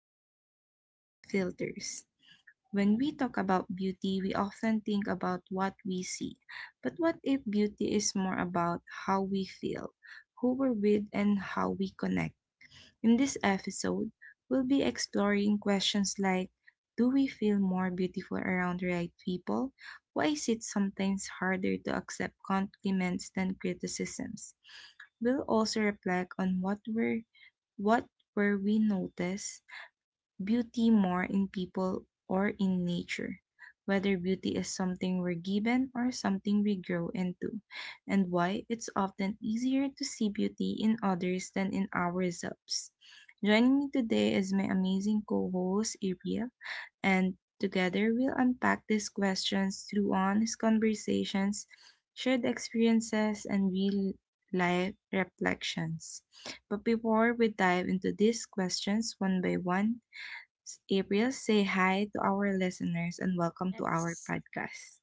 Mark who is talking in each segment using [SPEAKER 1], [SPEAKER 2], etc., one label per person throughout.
[SPEAKER 1] Beauty Without Filters. When we talk about beauty, we often think about what we see. But what if beauty is more about how we feel, who we're with, and how we connect? In this episode, we'll be exploring questions like: do we feel more beautiful around the right people? Why is it sometimes harder to accept compliments than criticisms? We'll also reflect on what were we noticed beauty more in people or in nature, whether beauty is something we're given or something we grow into, and why it's often easier to see beauty in others than in ourselves. Joining me today is my amazing co host, Ariel, and together we'll unpack these questions through honest conversations, shared experiences, and real life reflections. But before we dive into these questions one by one, April, say hi to our listeners and welcome to our
[SPEAKER 2] Yes.
[SPEAKER 1] podcast.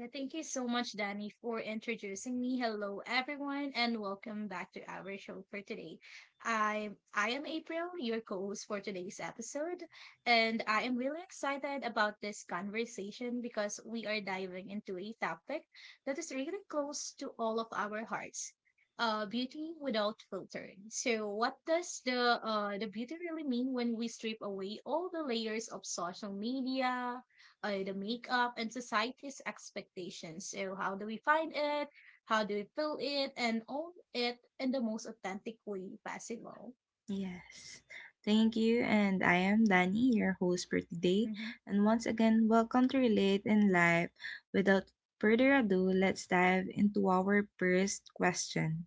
[SPEAKER 2] Yeah, thank you so much, Danny, for introducing me. Hello, everyone, and welcome back to our show for today. I am April, your co-host for today's episode, and I am really excited about this conversation because we are diving into a topic that is really close to all of our hearts. Beauty without filtering. So, what does the beauty really mean when we strip away all the layers of social media, the
[SPEAKER 1] Mhm.
[SPEAKER 2] makeup and society's expectations? So, how do we find it? How do we fill it and own it in the most authentic way possible?
[SPEAKER 1] Yes. Thank you. And I am Danny, your host for today.
[SPEAKER 2] hmm
[SPEAKER 1] And once again, welcome to Relate in Life. Without further ado, let's dive into our first question.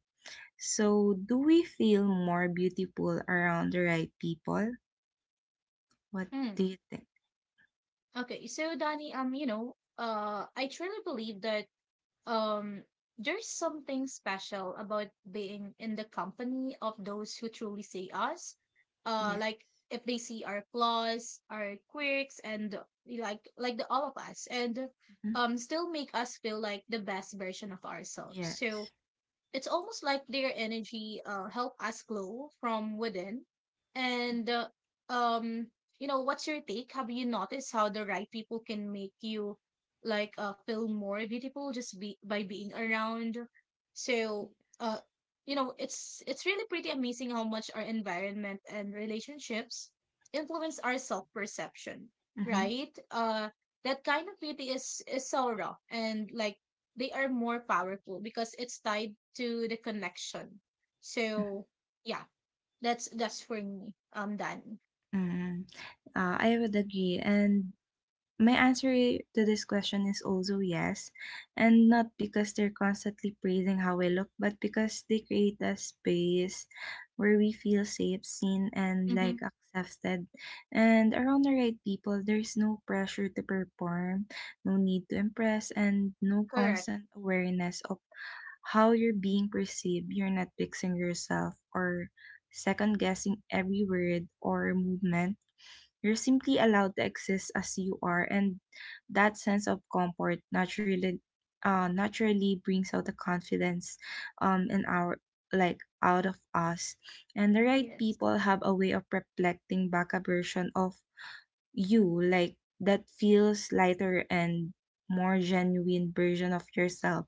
[SPEAKER 1] So, do we feel more beautiful around the right people? What
[SPEAKER 2] Mm.
[SPEAKER 1] do you think?
[SPEAKER 2] Okay, so Danny, you know, I truly believe that, Um, there's something special about being in the company of those who truly see us.
[SPEAKER 1] Yes.
[SPEAKER 2] Like if they see our flaws, our quirks, and like the all of us, and
[SPEAKER 1] Mhm.
[SPEAKER 2] still make us feel like the best version of ourselves.
[SPEAKER 1] Yes.
[SPEAKER 2] So it's almost like their energy help us glow from within. And
[SPEAKER 1] Mhm.
[SPEAKER 2] um, you know, what's your take? Have you noticed how the right people can make you feel more beautiful just be by being around? So, uh,
[SPEAKER 1] Yes.
[SPEAKER 2] you know, it's really pretty amazing how much our environment and relationships influence our self perception,
[SPEAKER 1] Mm-hmm.
[SPEAKER 2] right? That kind of beauty is so raw, and like they are more powerful because it's tied to the connection. So yeah, that's for me. Dan.
[SPEAKER 1] Mm, I would agree. And my answer to this question is also yes. And not because they're constantly praising how we look, but because they create a space where we feel safe, seen, and
[SPEAKER 2] Mm-hmm.
[SPEAKER 1] like accepted. And around the right people, there's no pressure to perform, no need to impress, and no
[SPEAKER 2] Correct.
[SPEAKER 1] constant awareness of how you're being perceived. You're not fixing yourself or second guessing every word or movement. You're simply allowed to exist as you are, and that sense of comfort naturally naturally brings out the confidence in our, like, out of us. And the right
[SPEAKER 2] Yes.
[SPEAKER 1] people have a way of reflecting back a version of you, like, that feels lighter and more genuine version of yourself.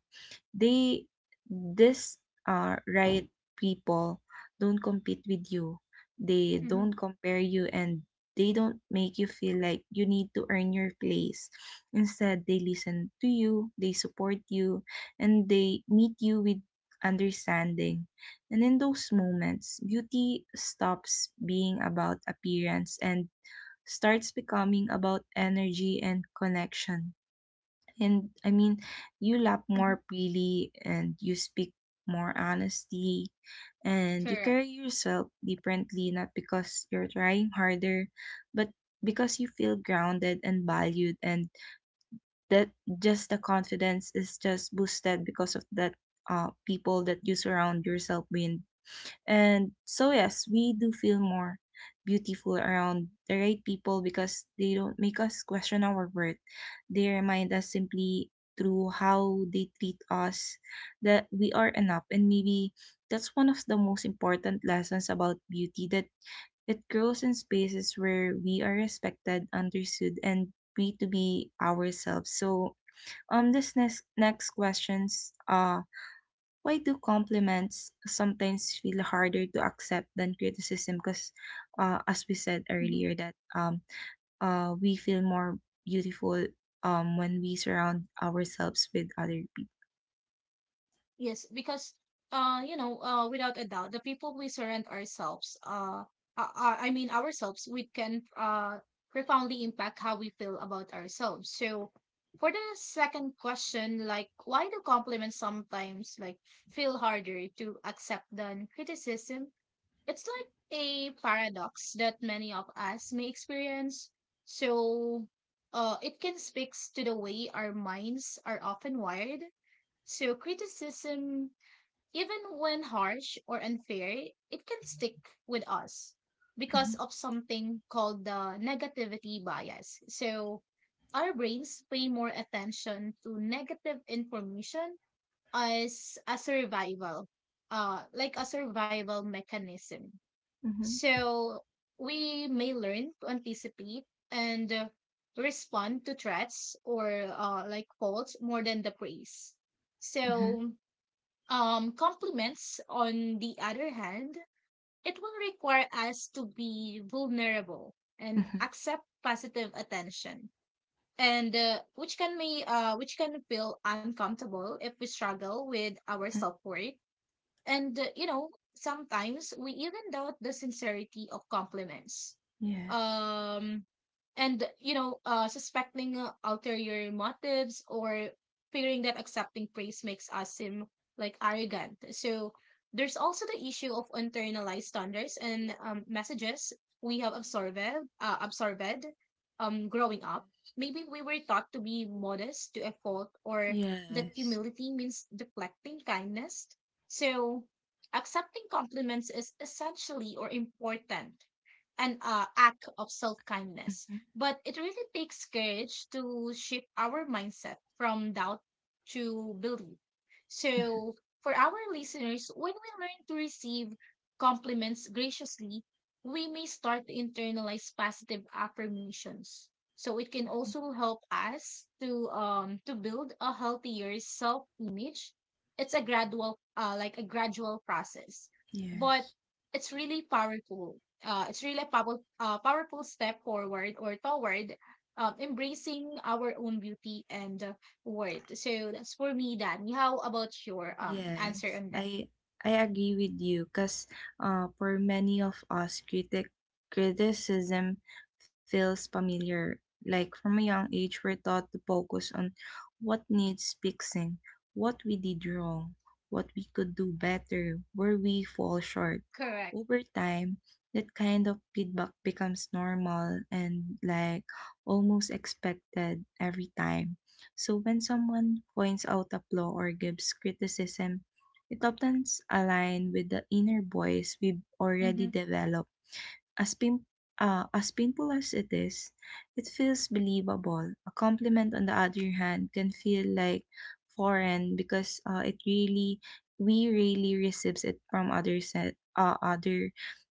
[SPEAKER 1] They this are right people don't compete with you, they
[SPEAKER 2] Mm-hmm.
[SPEAKER 1] don't compare you, and they don't make you feel like you need to earn your place. Instead, they listen to you, they support you, and they meet you with understanding. And in those moments, beauty stops being about appearance and starts becoming about energy and connection. And I mean, you laugh
[SPEAKER 2] Mm-hmm.
[SPEAKER 1] more freely and you speak more honesty, and you
[SPEAKER 2] Correct.
[SPEAKER 1] carry yourself differently, not because you're trying harder, but because you feel grounded and valued. And that, just the confidence is just boosted because of that people that you surround yourself with. And so, yes, we do feel more beautiful around the right people because they don't make us question our worth. They remind us simply through how they treat us that we are enough. And maybe that's one of the most important lessons about beauty, that it grows in spaces where we are respected, understood, and free to be ourselves. So, this next questions, why do compliments sometimes feel harder to accept than criticism? Because, as we said
[SPEAKER 2] Mhm.
[SPEAKER 1] earlier, that we feel more beautiful when we surround ourselves with other people.
[SPEAKER 2] Yes, because you know, without a doubt, the people we surround ourselves, I mean ourselves, we can profoundly impact how we feel about ourselves. So, for the second question, like, why do compliments sometimes like feel harder to accept than criticism? It's like a paradox that many of us may experience. So, it can speak to the way our minds are often wired. So, criticism, even when harsh or unfair, it can stick with us because of something called the negativity bias. So, our brains pay more attention to negative information as a survival, like a survival mechanism.
[SPEAKER 1] Mm-hmm.
[SPEAKER 2] So we may learn to anticipate and respond to threats or like faults more than the praise.
[SPEAKER 1] Hmm.
[SPEAKER 2] So compliments, on the other hand, it will require us to be vulnerable
[SPEAKER 1] Hmm.
[SPEAKER 2] and
[SPEAKER 1] Hmm.
[SPEAKER 2] accept positive attention, and which can feel uncomfortable if we struggle with our self worth, and you know, sometimes we even doubt the sincerity of compliments.
[SPEAKER 1] Yes.
[SPEAKER 2] Um, and, you know, suspecting ulterior motives or fearing that accepting praise makes us seem like arrogant. So there's also the issue of internalized standards and messages we have absorbed, growing up.
[SPEAKER 1] Yes.
[SPEAKER 2] Maybe we were taught to be modest to a fault, or that
[SPEAKER 1] Yes.
[SPEAKER 2] humility means deflecting kindness, so accepting compliments is essentially or important an act of self kindness.
[SPEAKER 1] Hmm.
[SPEAKER 2] But it really takes courage to shift our mindset from doubt to belief.
[SPEAKER 1] Hmm.
[SPEAKER 2] So, for our listeners, when we learn to receive compliments graciously, we may start to internalize positive affirmations. So it can
[SPEAKER 1] Hmm.
[SPEAKER 2] also help us to build a healthier self image. It's a gradual like a gradual process, but
[SPEAKER 1] Yes.
[SPEAKER 2] it's really powerful. It's really a powerful, powerful step forward or toward embracing our own beauty and worth. So that's for me, Danny. How about your answer
[SPEAKER 1] Yes,
[SPEAKER 2] on that?
[SPEAKER 1] I agree with you because for many of us, criticism feels familiar. Like from a young age, we're taught to focus on what needs fixing, what we did wrong, what we could do better, where we fall short.
[SPEAKER 2] Correct.
[SPEAKER 1] Over time, that kind of feedback becomes normal and, like, almost expected every time. So when someone points out a flaw or gives criticism, it often aligns with the inner voice we've already
[SPEAKER 2] Mm-hmm.
[SPEAKER 1] developed. As pim uh, as painful as it is, it feels believable. A compliment, on the other hand, can feel like foreign, because it really, we really receives it from other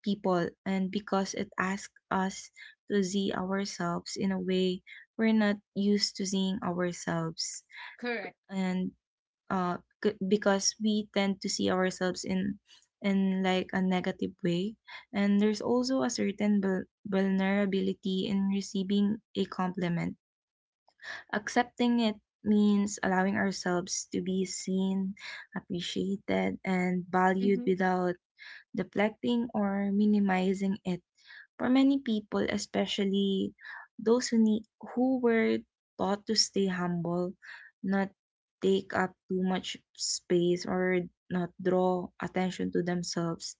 [SPEAKER 1] people, and because it asks us to see ourselves in a way we're not used to seeing ourselves.
[SPEAKER 2] Correct.
[SPEAKER 1] And uh because we tend to see ourselves in like a negative way. And there's also a certain vulnerability in receiving a compliment. Accepting it means allowing ourselves to be seen, appreciated, and valued
[SPEAKER 2] Mm-hmm.
[SPEAKER 1] without deflecting or minimizing it. For many people, especially those who, need, who were taught to stay humble, not take up too much space, or not draw attention to themselves,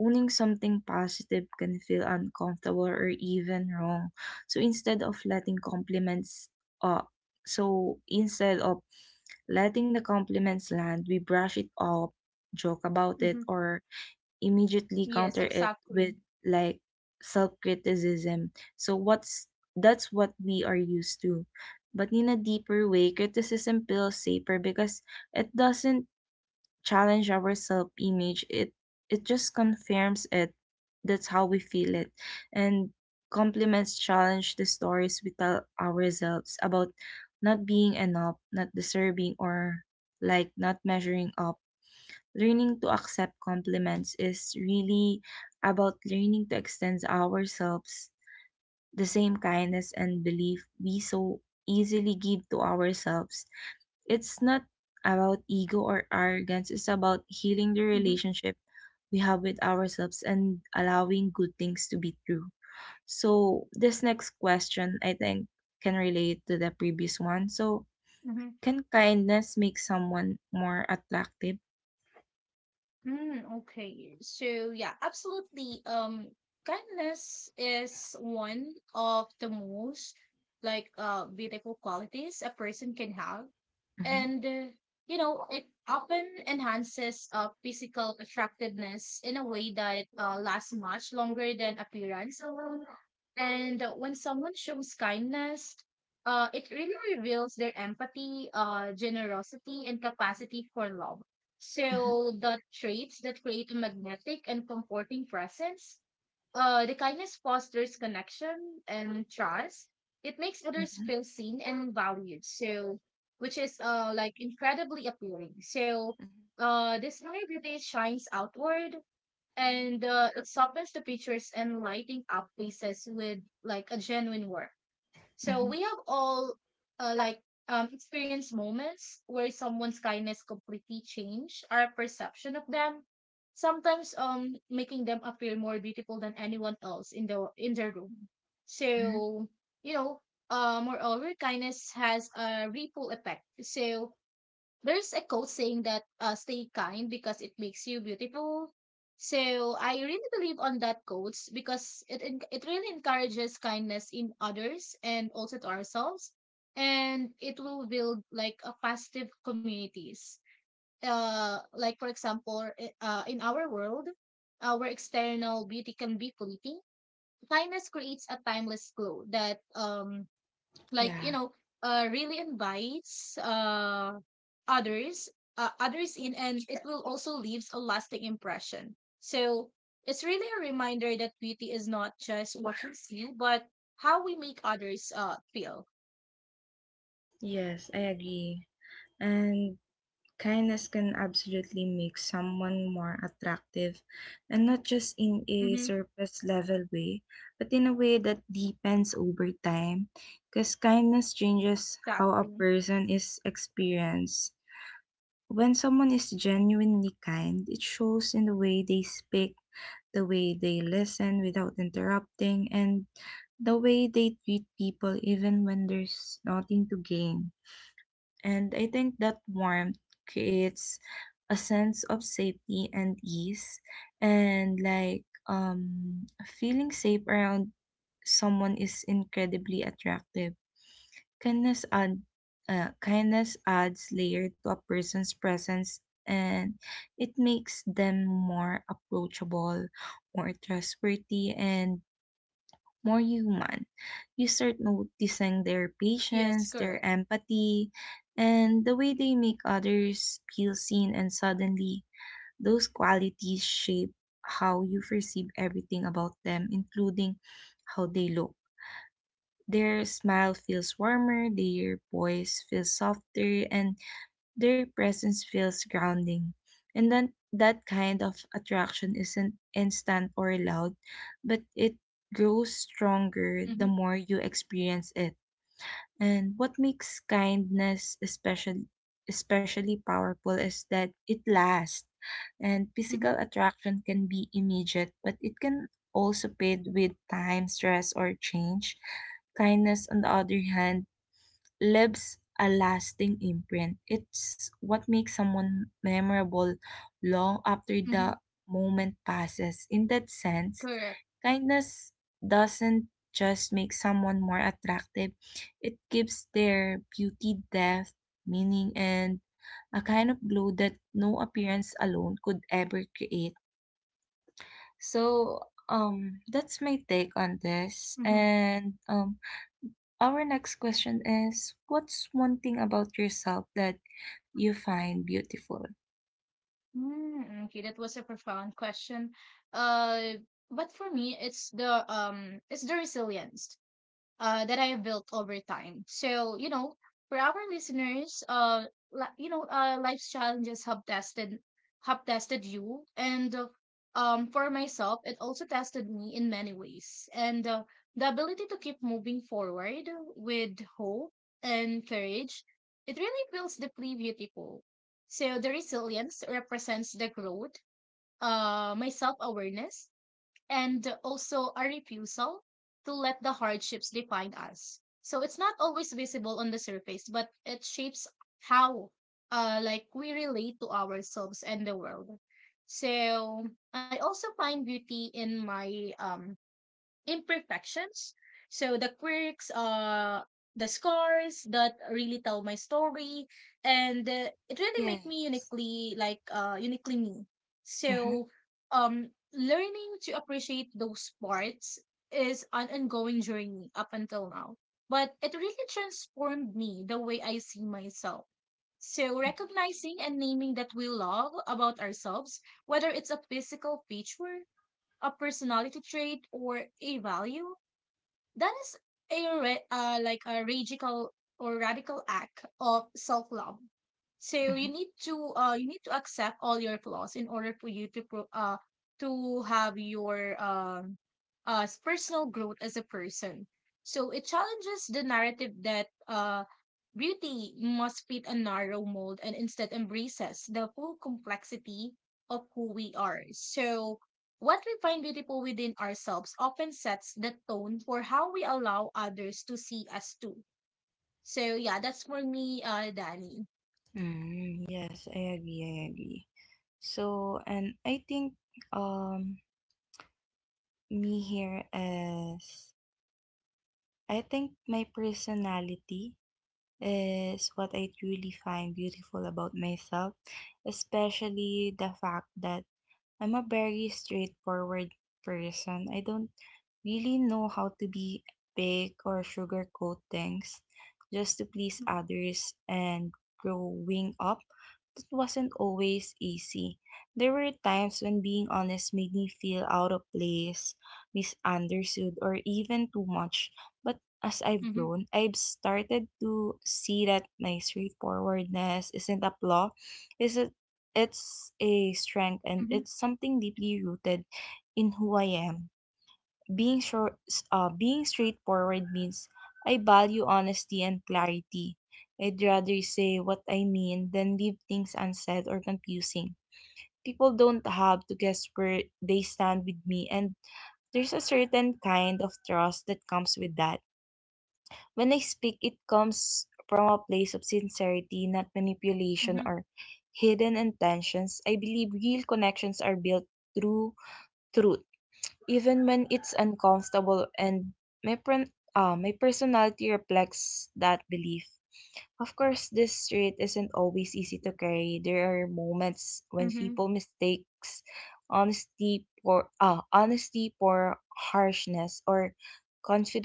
[SPEAKER 1] owning something positive can feel uncomfortable or even wrong. So instead of letting compliments, uh, so instead of letting the compliments land, we brush it off, joke about it,
[SPEAKER 2] Mm-hmm.
[SPEAKER 1] or immediately
[SPEAKER 2] Yes,
[SPEAKER 1] counter it
[SPEAKER 2] exactly.
[SPEAKER 1] with like self-criticism. So what's, that's what we are used to. But in a deeper way, criticism feels safer because it doesn't challenge our self-image. It just confirms it. That's how we feel it. And compliments challenge the stories we tell ourselves about not being enough, not deserving, or like not measuring up. Learning to accept compliments is really about learning to extend ourselves the same kindness and belief we so easily give to ourselves. It's not about ego or arrogance, it's about healing the
[SPEAKER 2] Mm-hmm.
[SPEAKER 1] relationship we have with ourselves and allowing good things to be true. So, this next question I think can relate to the previous one. So,
[SPEAKER 2] Mm-hmm.
[SPEAKER 1] can kindness make someone more attractive?
[SPEAKER 2] Mm, okay. So yeah, absolutely. Kindness is one of the most beautiful qualities a person can have,
[SPEAKER 1] Mhm.
[SPEAKER 2] and you know, it often enhances physical attractiveness in a way that lasts much longer than appearance alone. And when someone shows kindness, it really reveals their empathy, generosity, and capacity for love,
[SPEAKER 1] Mhm. Mhm.
[SPEAKER 2] so the traits that create a magnetic and comforting presence, the kindness fosters connection and trust. It makes others
[SPEAKER 1] Mhm.
[SPEAKER 2] feel seen and valued. So, which is like incredibly appealing. So, this vulnerability shines outward, and it softens the pictures and lighting up faces with like a genuine warmth. So
[SPEAKER 1] Mhm.
[SPEAKER 2] we have all uh, like experienced moments where someone's kindness completely changed our perception of them. Sometimes making them appear more beautiful than anyone else in their room.
[SPEAKER 1] Mhm.
[SPEAKER 2] So you know, moreover, kindness has a ripple effect. So there's a quote saying that stay kind because it makes you beautiful. So I really believe on that quote because it really encourages kindness in others and also to ourselves, and it will build like a positive communities. Like for example, in our world, our external beauty can be fleeting. Kindness creates a timeless glow that like you
[SPEAKER 1] Yeah.
[SPEAKER 2] know really invites others others in, and it will also leaves a lasting impression. So it's really a reminder that beauty is not just what we see but how we make others feel.
[SPEAKER 1] Yes, I agree. And kindness can absolutely make someone more attractive, and not just in a
[SPEAKER 2] Mm-hmm.
[SPEAKER 1] surface level way, but in a way that deepens over time, because kindness changes how a
[SPEAKER 2] Exactly.
[SPEAKER 1] person is experienced. When someone is genuinely kind, it shows in the way they speak, the way they listen without interrupting, and the way they treat people even when there's nothing to gain. And I think that warmth creates a sense of safety and ease, and like, um, feeling safe around someone is incredibly attractive. Kindness add kindness adds layer to a person's presence, and it makes them more approachable, more trustworthy, and more human. You start noticing their
[SPEAKER 2] Yes,
[SPEAKER 1] patience, their
[SPEAKER 2] correct.
[SPEAKER 1] empathy, and the way they make others feel seen, and suddenly, those qualities shape how you perceive everything about them, including how they look. Their smile feels warmer, their voice feels softer, and their presence feels grounding. And then that kind of attraction isn't instant or loud, but it grows stronger the
[SPEAKER 2] Mm-hmm.
[SPEAKER 1] more you experience it. And what makes kindness especially powerful is that it lasts. And
[SPEAKER 2] Mm-hmm.
[SPEAKER 1] physical attraction can be immediate, but it can also fade with time, stress, or change. Kindness, on the other hand, leaves a lasting imprint. It's what makes someone memorable long after
[SPEAKER 2] Mm-hmm.
[SPEAKER 1] the moment passes. In that sense,
[SPEAKER 2] Correct.
[SPEAKER 1] kindness doesn't just make someone more attractive, it gives their beauty depth, meaning, and a kind of glow that no appearance alone could ever create. So, that's my take on this.
[SPEAKER 2] Mm-hmm.
[SPEAKER 1] And our next question is: what's one thing about yourself that you find beautiful?
[SPEAKER 2] Okay, that was a profound question, uh but for me it's the resilience that I have built over time. So, you know, for our listeners, you know, life's challenges have tested you, and for myself, it also tested me in many ways. And the ability to keep moving forward with hope and courage, it really feels deeply beautiful. So the resilience represents the growth, my self awareness, and also a refusal to let the hardships define us. So it's not always visible on the surface, but it shapes how like we relate to ourselves and the world. So I also find beauty in my imperfections. So the quirks, the scars that really tell my story, and it really make me
[SPEAKER 1] Yes.
[SPEAKER 2] uniquely uniquely me.
[SPEAKER 1] Mm-hmm.
[SPEAKER 2] So learning to appreciate those parts is an ongoing journey up until now, but it really transformed me the way I see myself. So, recognizing and naming that we love about ourselves, whether it's a physical feature, a personality trait, or a value, that is like a radical or radical act of self-love. So you
[SPEAKER 1] Mm-hmm.
[SPEAKER 2] need to accept all your flaws in order for you to have your personal growth as a person. So it challenges the narrative that beauty must fit a narrow mold and instead embraces the full complexity of who we are. So what we find beautiful within ourselves often sets the tone for how we allow others to see us too. So yeah, that's for me, Danny.
[SPEAKER 1] Yes, I agree. I agree. So, and I think um me here is, I think my personality is what I truly find beautiful about myself, especially the fact that I'm a very straightforward person. I don't really know how to be big or sugarcoat things just to please others, and growing up, that wasn't always easy. There were times when being honest made me feel out of place, misunderstood, or even too much. But as I've
[SPEAKER 2] Mm-hmm.
[SPEAKER 1] grown, I've started to see that my straightforwardness isn't a flaw, it's a, it's a strength, and
[SPEAKER 2] Mm-hmm.
[SPEAKER 1] it's something deeply rooted in who I am. Being short, being straightforward means I value honesty and clarity. I'd rather say what I mean than leave things unsaid or confusing. People don't have to guess where they stand with me, and there's a certain kind of trust that comes with that. When I speak, it comes from a place of sincerity, not manipulation
[SPEAKER 2] Mm-hmm.
[SPEAKER 1] or hidden intentions. I believe real connections are built through truth, even when it's uncomfortable, and my personality reflects that belief. Of course, this street isn't always easy to carry. There are moments when
[SPEAKER 2] Mm-hmm.
[SPEAKER 1] people mistakes honesty for harshness, or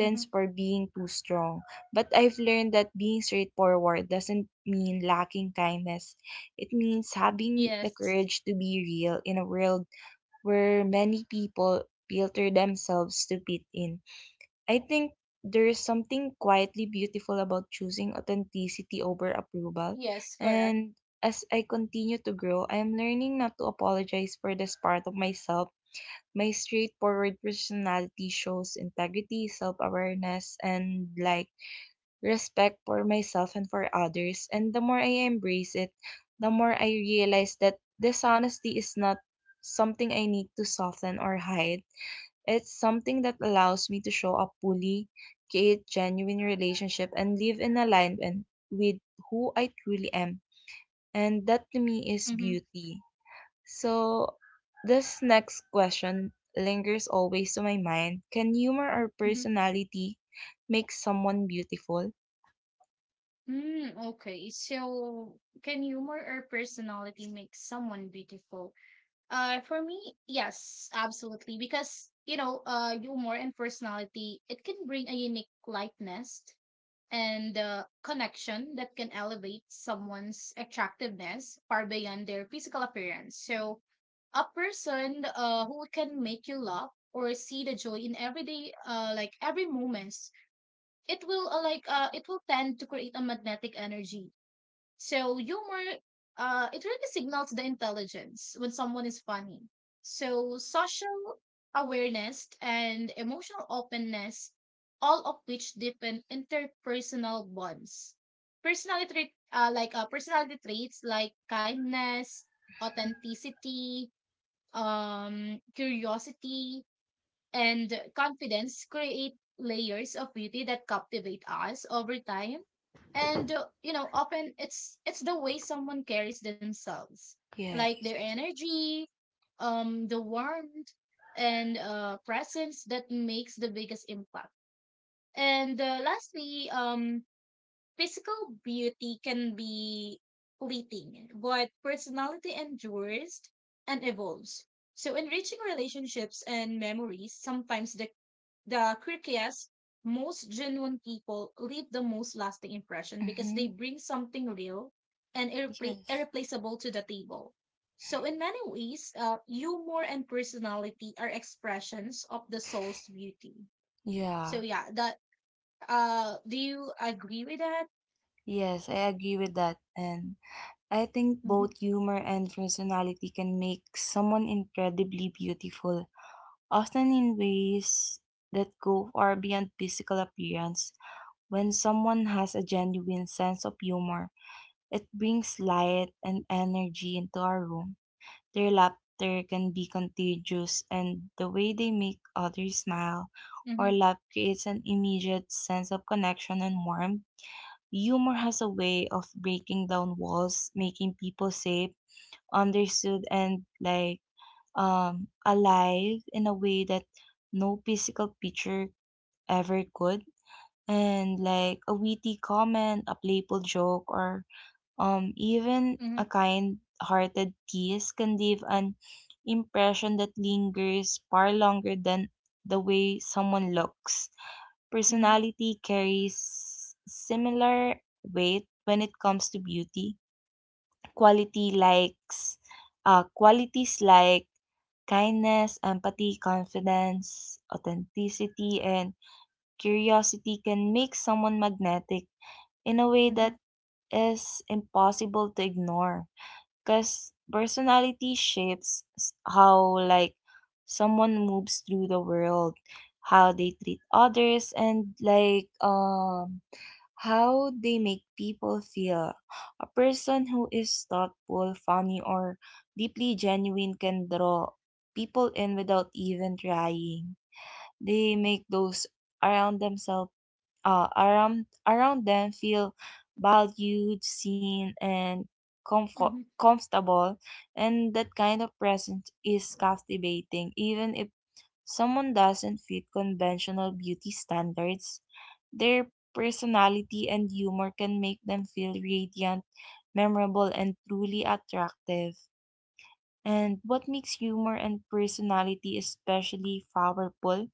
[SPEAKER 2] Mm-hmm.
[SPEAKER 1] for being too strong. But I've learned that being straightforward doesn't mean lacking kindness. It means having the
[SPEAKER 2] Yes.
[SPEAKER 1] courage to be real in a world where many people filter themselves to fit in. I think there is something quietly beautiful about choosing authenticity over approval.
[SPEAKER 2] Yes, correct.
[SPEAKER 1] And as I continue to grow, I am learning not to apologize for this part of myself. My straightforward personality shows integrity, self awareness, and like respect for myself and for others. And the more I embrace it, the more I realize that dishonesty is not something I need to soften or hide. It's something that allows me to show up fully, create genuine relationship, and live in alignment with who I truly am. And that to me is
[SPEAKER 2] Mm-hmm.
[SPEAKER 1] beauty. So this next question lingers always to my mind. Can humor or
[SPEAKER 2] Mm-hmm.
[SPEAKER 1] personality make someone beautiful?
[SPEAKER 2] Mm, okay. So can humor or personality make someone beautiful? For me, yes, absolutely. Because you know, humor and personality, it can bring a unique lightness and connection that can elevate someone's attractiveness far beyond their physical appearance. So, a person who can make you laugh or see the joy in everyday every moments, it will tend to create a magnetic energy. So humor, it really signals the intelligence when someone is funny. So social awareness and emotional openness, all of which deepen interpersonal bonds. Personality traits like kindness, authenticity, curiosity, and confidence create layers of beauty that captivate us over time. And you know, often it's the way someone carries themselves, like
[SPEAKER 1] Yes.
[SPEAKER 2] their energy, the warmth and presence that makes the biggest impact. And lastly, physical beauty can be fleeting but personality endures and evolves, so enriching relationships and memories. Sometimes the quirkiest, most genuine people leave the most lasting impression because they
[SPEAKER 1] Mm-hmm.
[SPEAKER 2] bring something real and
[SPEAKER 1] Yes.
[SPEAKER 2] irreplaceable to the table. So, in many ways, humor and personality are expressions of the soul's beauty.
[SPEAKER 1] Yeah.
[SPEAKER 2] So, yeah, that. Do you agree with that?
[SPEAKER 1] Yes, I agree with that. And I think
[SPEAKER 2] Mm-hmm.
[SPEAKER 1] both humor and personality can make someone incredibly beautiful, often in ways that go far beyond physical appearance. When someone has a genuine sense of humor, it brings light and energy into our room. Their laughter can be contagious, and the way they make others smile or
[SPEAKER 2] Mm-hmm.
[SPEAKER 1] laugh creates an immediate sense of connection and warmth. Humor has a way of breaking down walls, making people safe, understood, and alive in a way that no physical picture ever could. And like a witty comment, a playful joke, or even
[SPEAKER 2] Mm-hmm.
[SPEAKER 1] a kind hearted tease can leave an impression that lingers far longer than the way someone looks. Personality carries similar weight when it comes to beauty. Quality likes Qualities like kindness, empathy, confidence, authenticity, and curiosity can make someone magnetic in a way
[SPEAKER 2] Mm-hmm. Mm-hmm.
[SPEAKER 1] that is impossible to ignore. Because personality shapes how, like, someone moves through the world, how they treat others, and, how they make people feel. A person who is thoughtful, funny, or deeply genuine can draw people in without even trying. They make those around themselves, around them, feel valued, seen, and comfortable. And that kind of presence is captivating. Even if someone doesn't fit conventional beauty standards, their personality and humor can make them feel radiant, memorable, and truly attractive. And what makes humor and personality especially powerful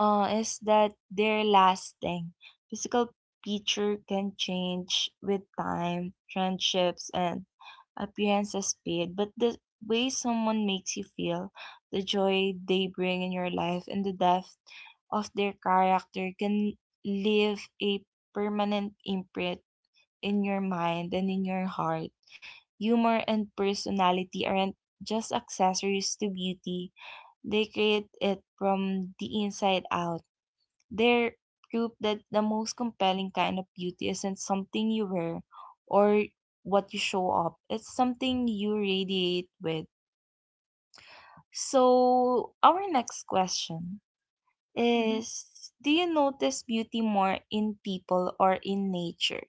[SPEAKER 1] is that they're lasting. Physical feature can change with time, friendships, and appearances fade. But the way someone makes you feel, the joy they bring in your life, and the depth of their character can leave a permanent imprint in your mind and in your heart. Humor and personality aren't just accessories to beauty, they create it from the inside out. They're proof that the most compelling kind of beauty isn't something you wear or what you show up. It's something you radiate with. So, our next question
[SPEAKER 2] Mm-hmm.
[SPEAKER 1] is, do you notice beauty more in people or in nature?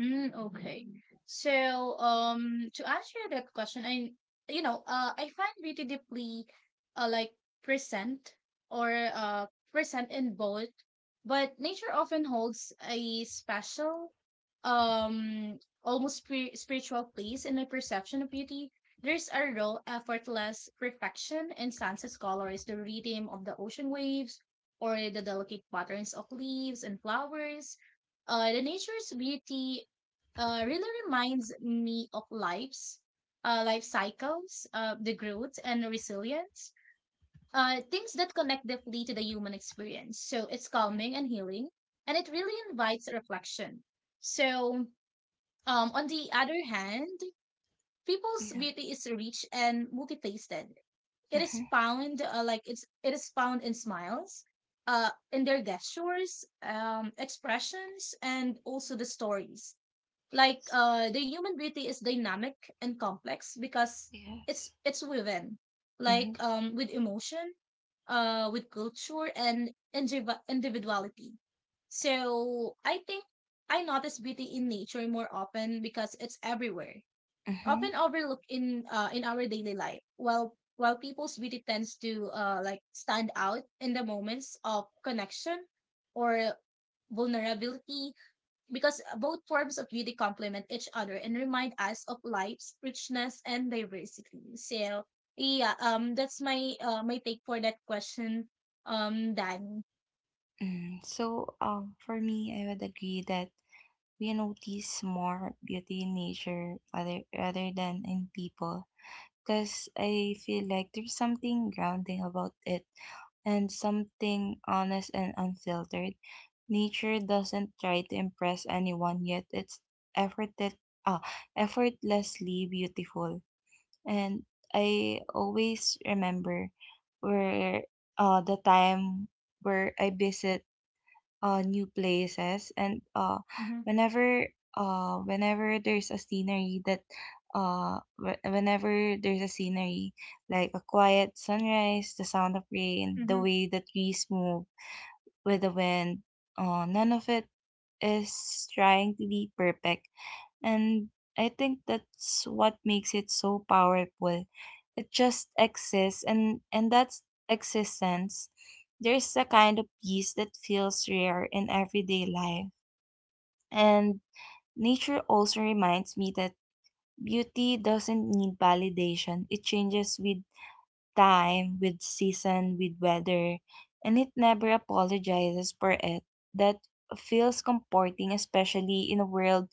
[SPEAKER 2] Mm, okay. So, to answer that question, I, you know, I find beauty deeply, uh, like present or uh present in both, but nature often holds a special, um, almost spiritual place in my perception of beauty. There's a raw, effortless perfection in sunset colors, the rhythm of the ocean waves, or the delicate patterns of leaves and flowers. The nature's beauty really reminds me of life cycles, the growth and resilience, things that connect deeply to the human experience. So it's
[SPEAKER 1] Mhm.
[SPEAKER 2] calming and healing, and it really invites reflection. So, on the other hand, people's
[SPEAKER 1] Yeah.
[SPEAKER 2] beauty is rich and multifaceted. It is
[SPEAKER 1] Hmm.
[SPEAKER 2] found it is found in smiles, in their gestures, expressions, and also the stories. like
[SPEAKER 1] Yes.
[SPEAKER 2] uh the human beauty is dynamic and complex because it's
[SPEAKER 1] Yes.
[SPEAKER 2] it's woven
[SPEAKER 1] Mm-hmm.
[SPEAKER 2] with emotion, with culture, and individuality. So I think I notice beauty in nature more often because it's everywhere,
[SPEAKER 1] Mm-hmm.
[SPEAKER 2] often overlooked in our daily life, while people's beauty tends to stand out in the moments of connection or vulnerability, because both forms of beauty complement each other and remind us of life's richness and diversity. So yeah, that's my my take for that question, Dan.
[SPEAKER 1] Mm. So, for me, I would agree that we notice more beauty in nature rather than in people, because I feel like there's something grounding about it and something honest and unfiltered. Nature doesn't try to impress anyone, yet it's efforted ah, effortlessly beautiful. And I always remember where the time where I visit new places, and
[SPEAKER 2] Mm-hmm.
[SPEAKER 1] whenever whenever there's a scenery that wh- whenever there's a scenery like a quiet sunrise, the sound of rain, the
[SPEAKER 2] Mm-hmm.
[SPEAKER 1] way the trees move with the wind. None of it is trying to be perfect, and I think that's what makes it so powerful. It just exists, and that's existence. There's a kind of peace that feels rare in everyday life. And nature also reminds me that beauty doesn't need validation. It changes with time, with season, with weather, and it never apologizes for it. That feels comforting, especially in a world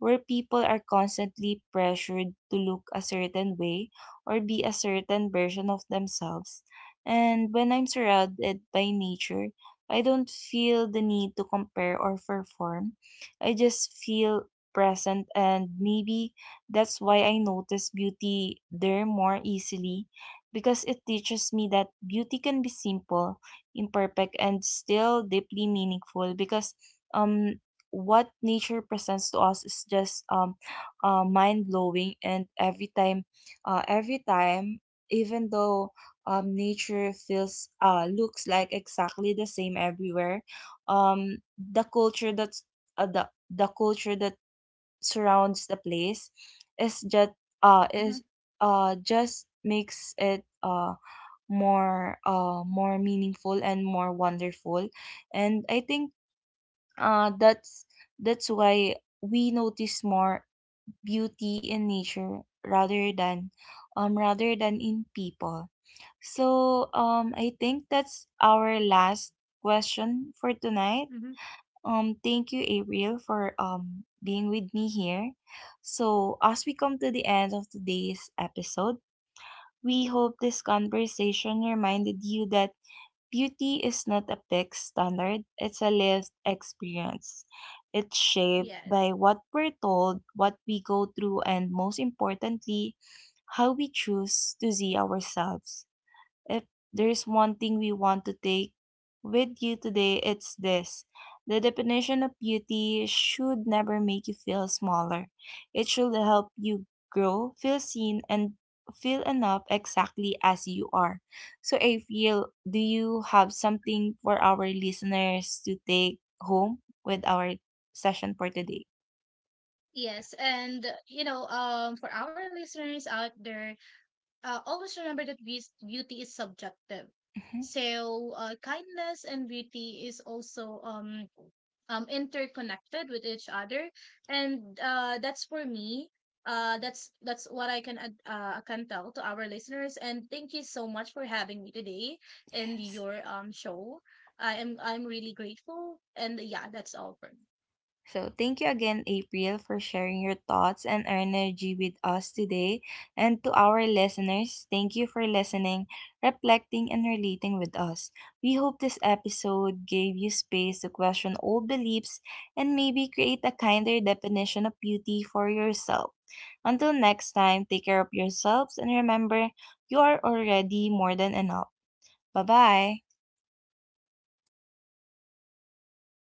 [SPEAKER 1] where people are constantly pressured to look a certain way or be a certain version of themselves. And when I'm surrounded by nature, I don't feel the need to compare or perform. I just feel present, and maybe that's why I notice beauty there more easily, because it teaches me that beauty can be simple, imperfect, and still deeply meaningful. Because um what nature presents to us is just mind blowing. And every time, even though nature feels looks like exactly the same everywhere, the culture that surrounds the place is just
[SPEAKER 2] Mm-hmm.
[SPEAKER 1] is just makes it more meaningful and more wonderful. And I think uh, that's that's why we notice more beauty in nature rather than in people. So, I think that's our last question for tonight.
[SPEAKER 2] Mm-hmm.
[SPEAKER 1] Thank you, Ariel, for being with me here. So as we come to the end of today's episode, we hope this conversation reminded you that beauty is not a fixed standard, it's a lived experience. It's shaped
[SPEAKER 2] Yes.
[SPEAKER 1] by what we're told, what we go through, and most importantly, how we choose to see ourselves. If there's one thing we want to take with you today, it's this. The definition of beauty should never make you feel smaller. It should help you grow, feel seen, and feel enough exactly as you are. So, April, do you have something for our listeners to take home with our session for today?
[SPEAKER 2] Yes, and you know, for our listeners out there, always remember that beauty is subjective.
[SPEAKER 1] Mhm.
[SPEAKER 2] So kindness and beauty is also interconnected with each other, and that's for me. That's what I can can tell to our listeners. And thank you so much for having me today in
[SPEAKER 1] Yes.
[SPEAKER 2] your show. I'm really grateful. And yeah, that's all for me.
[SPEAKER 1] So, thank you again, April, for sharing your thoughts and energy with us today. And to our listeners, thank you for listening, reflecting, and relating with us. We hope this episode gave you space to question old beliefs and maybe create a kinder definition of beauty for yourself. Until next time, take care of yourselves and remember, you are already more than enough. Bye bye.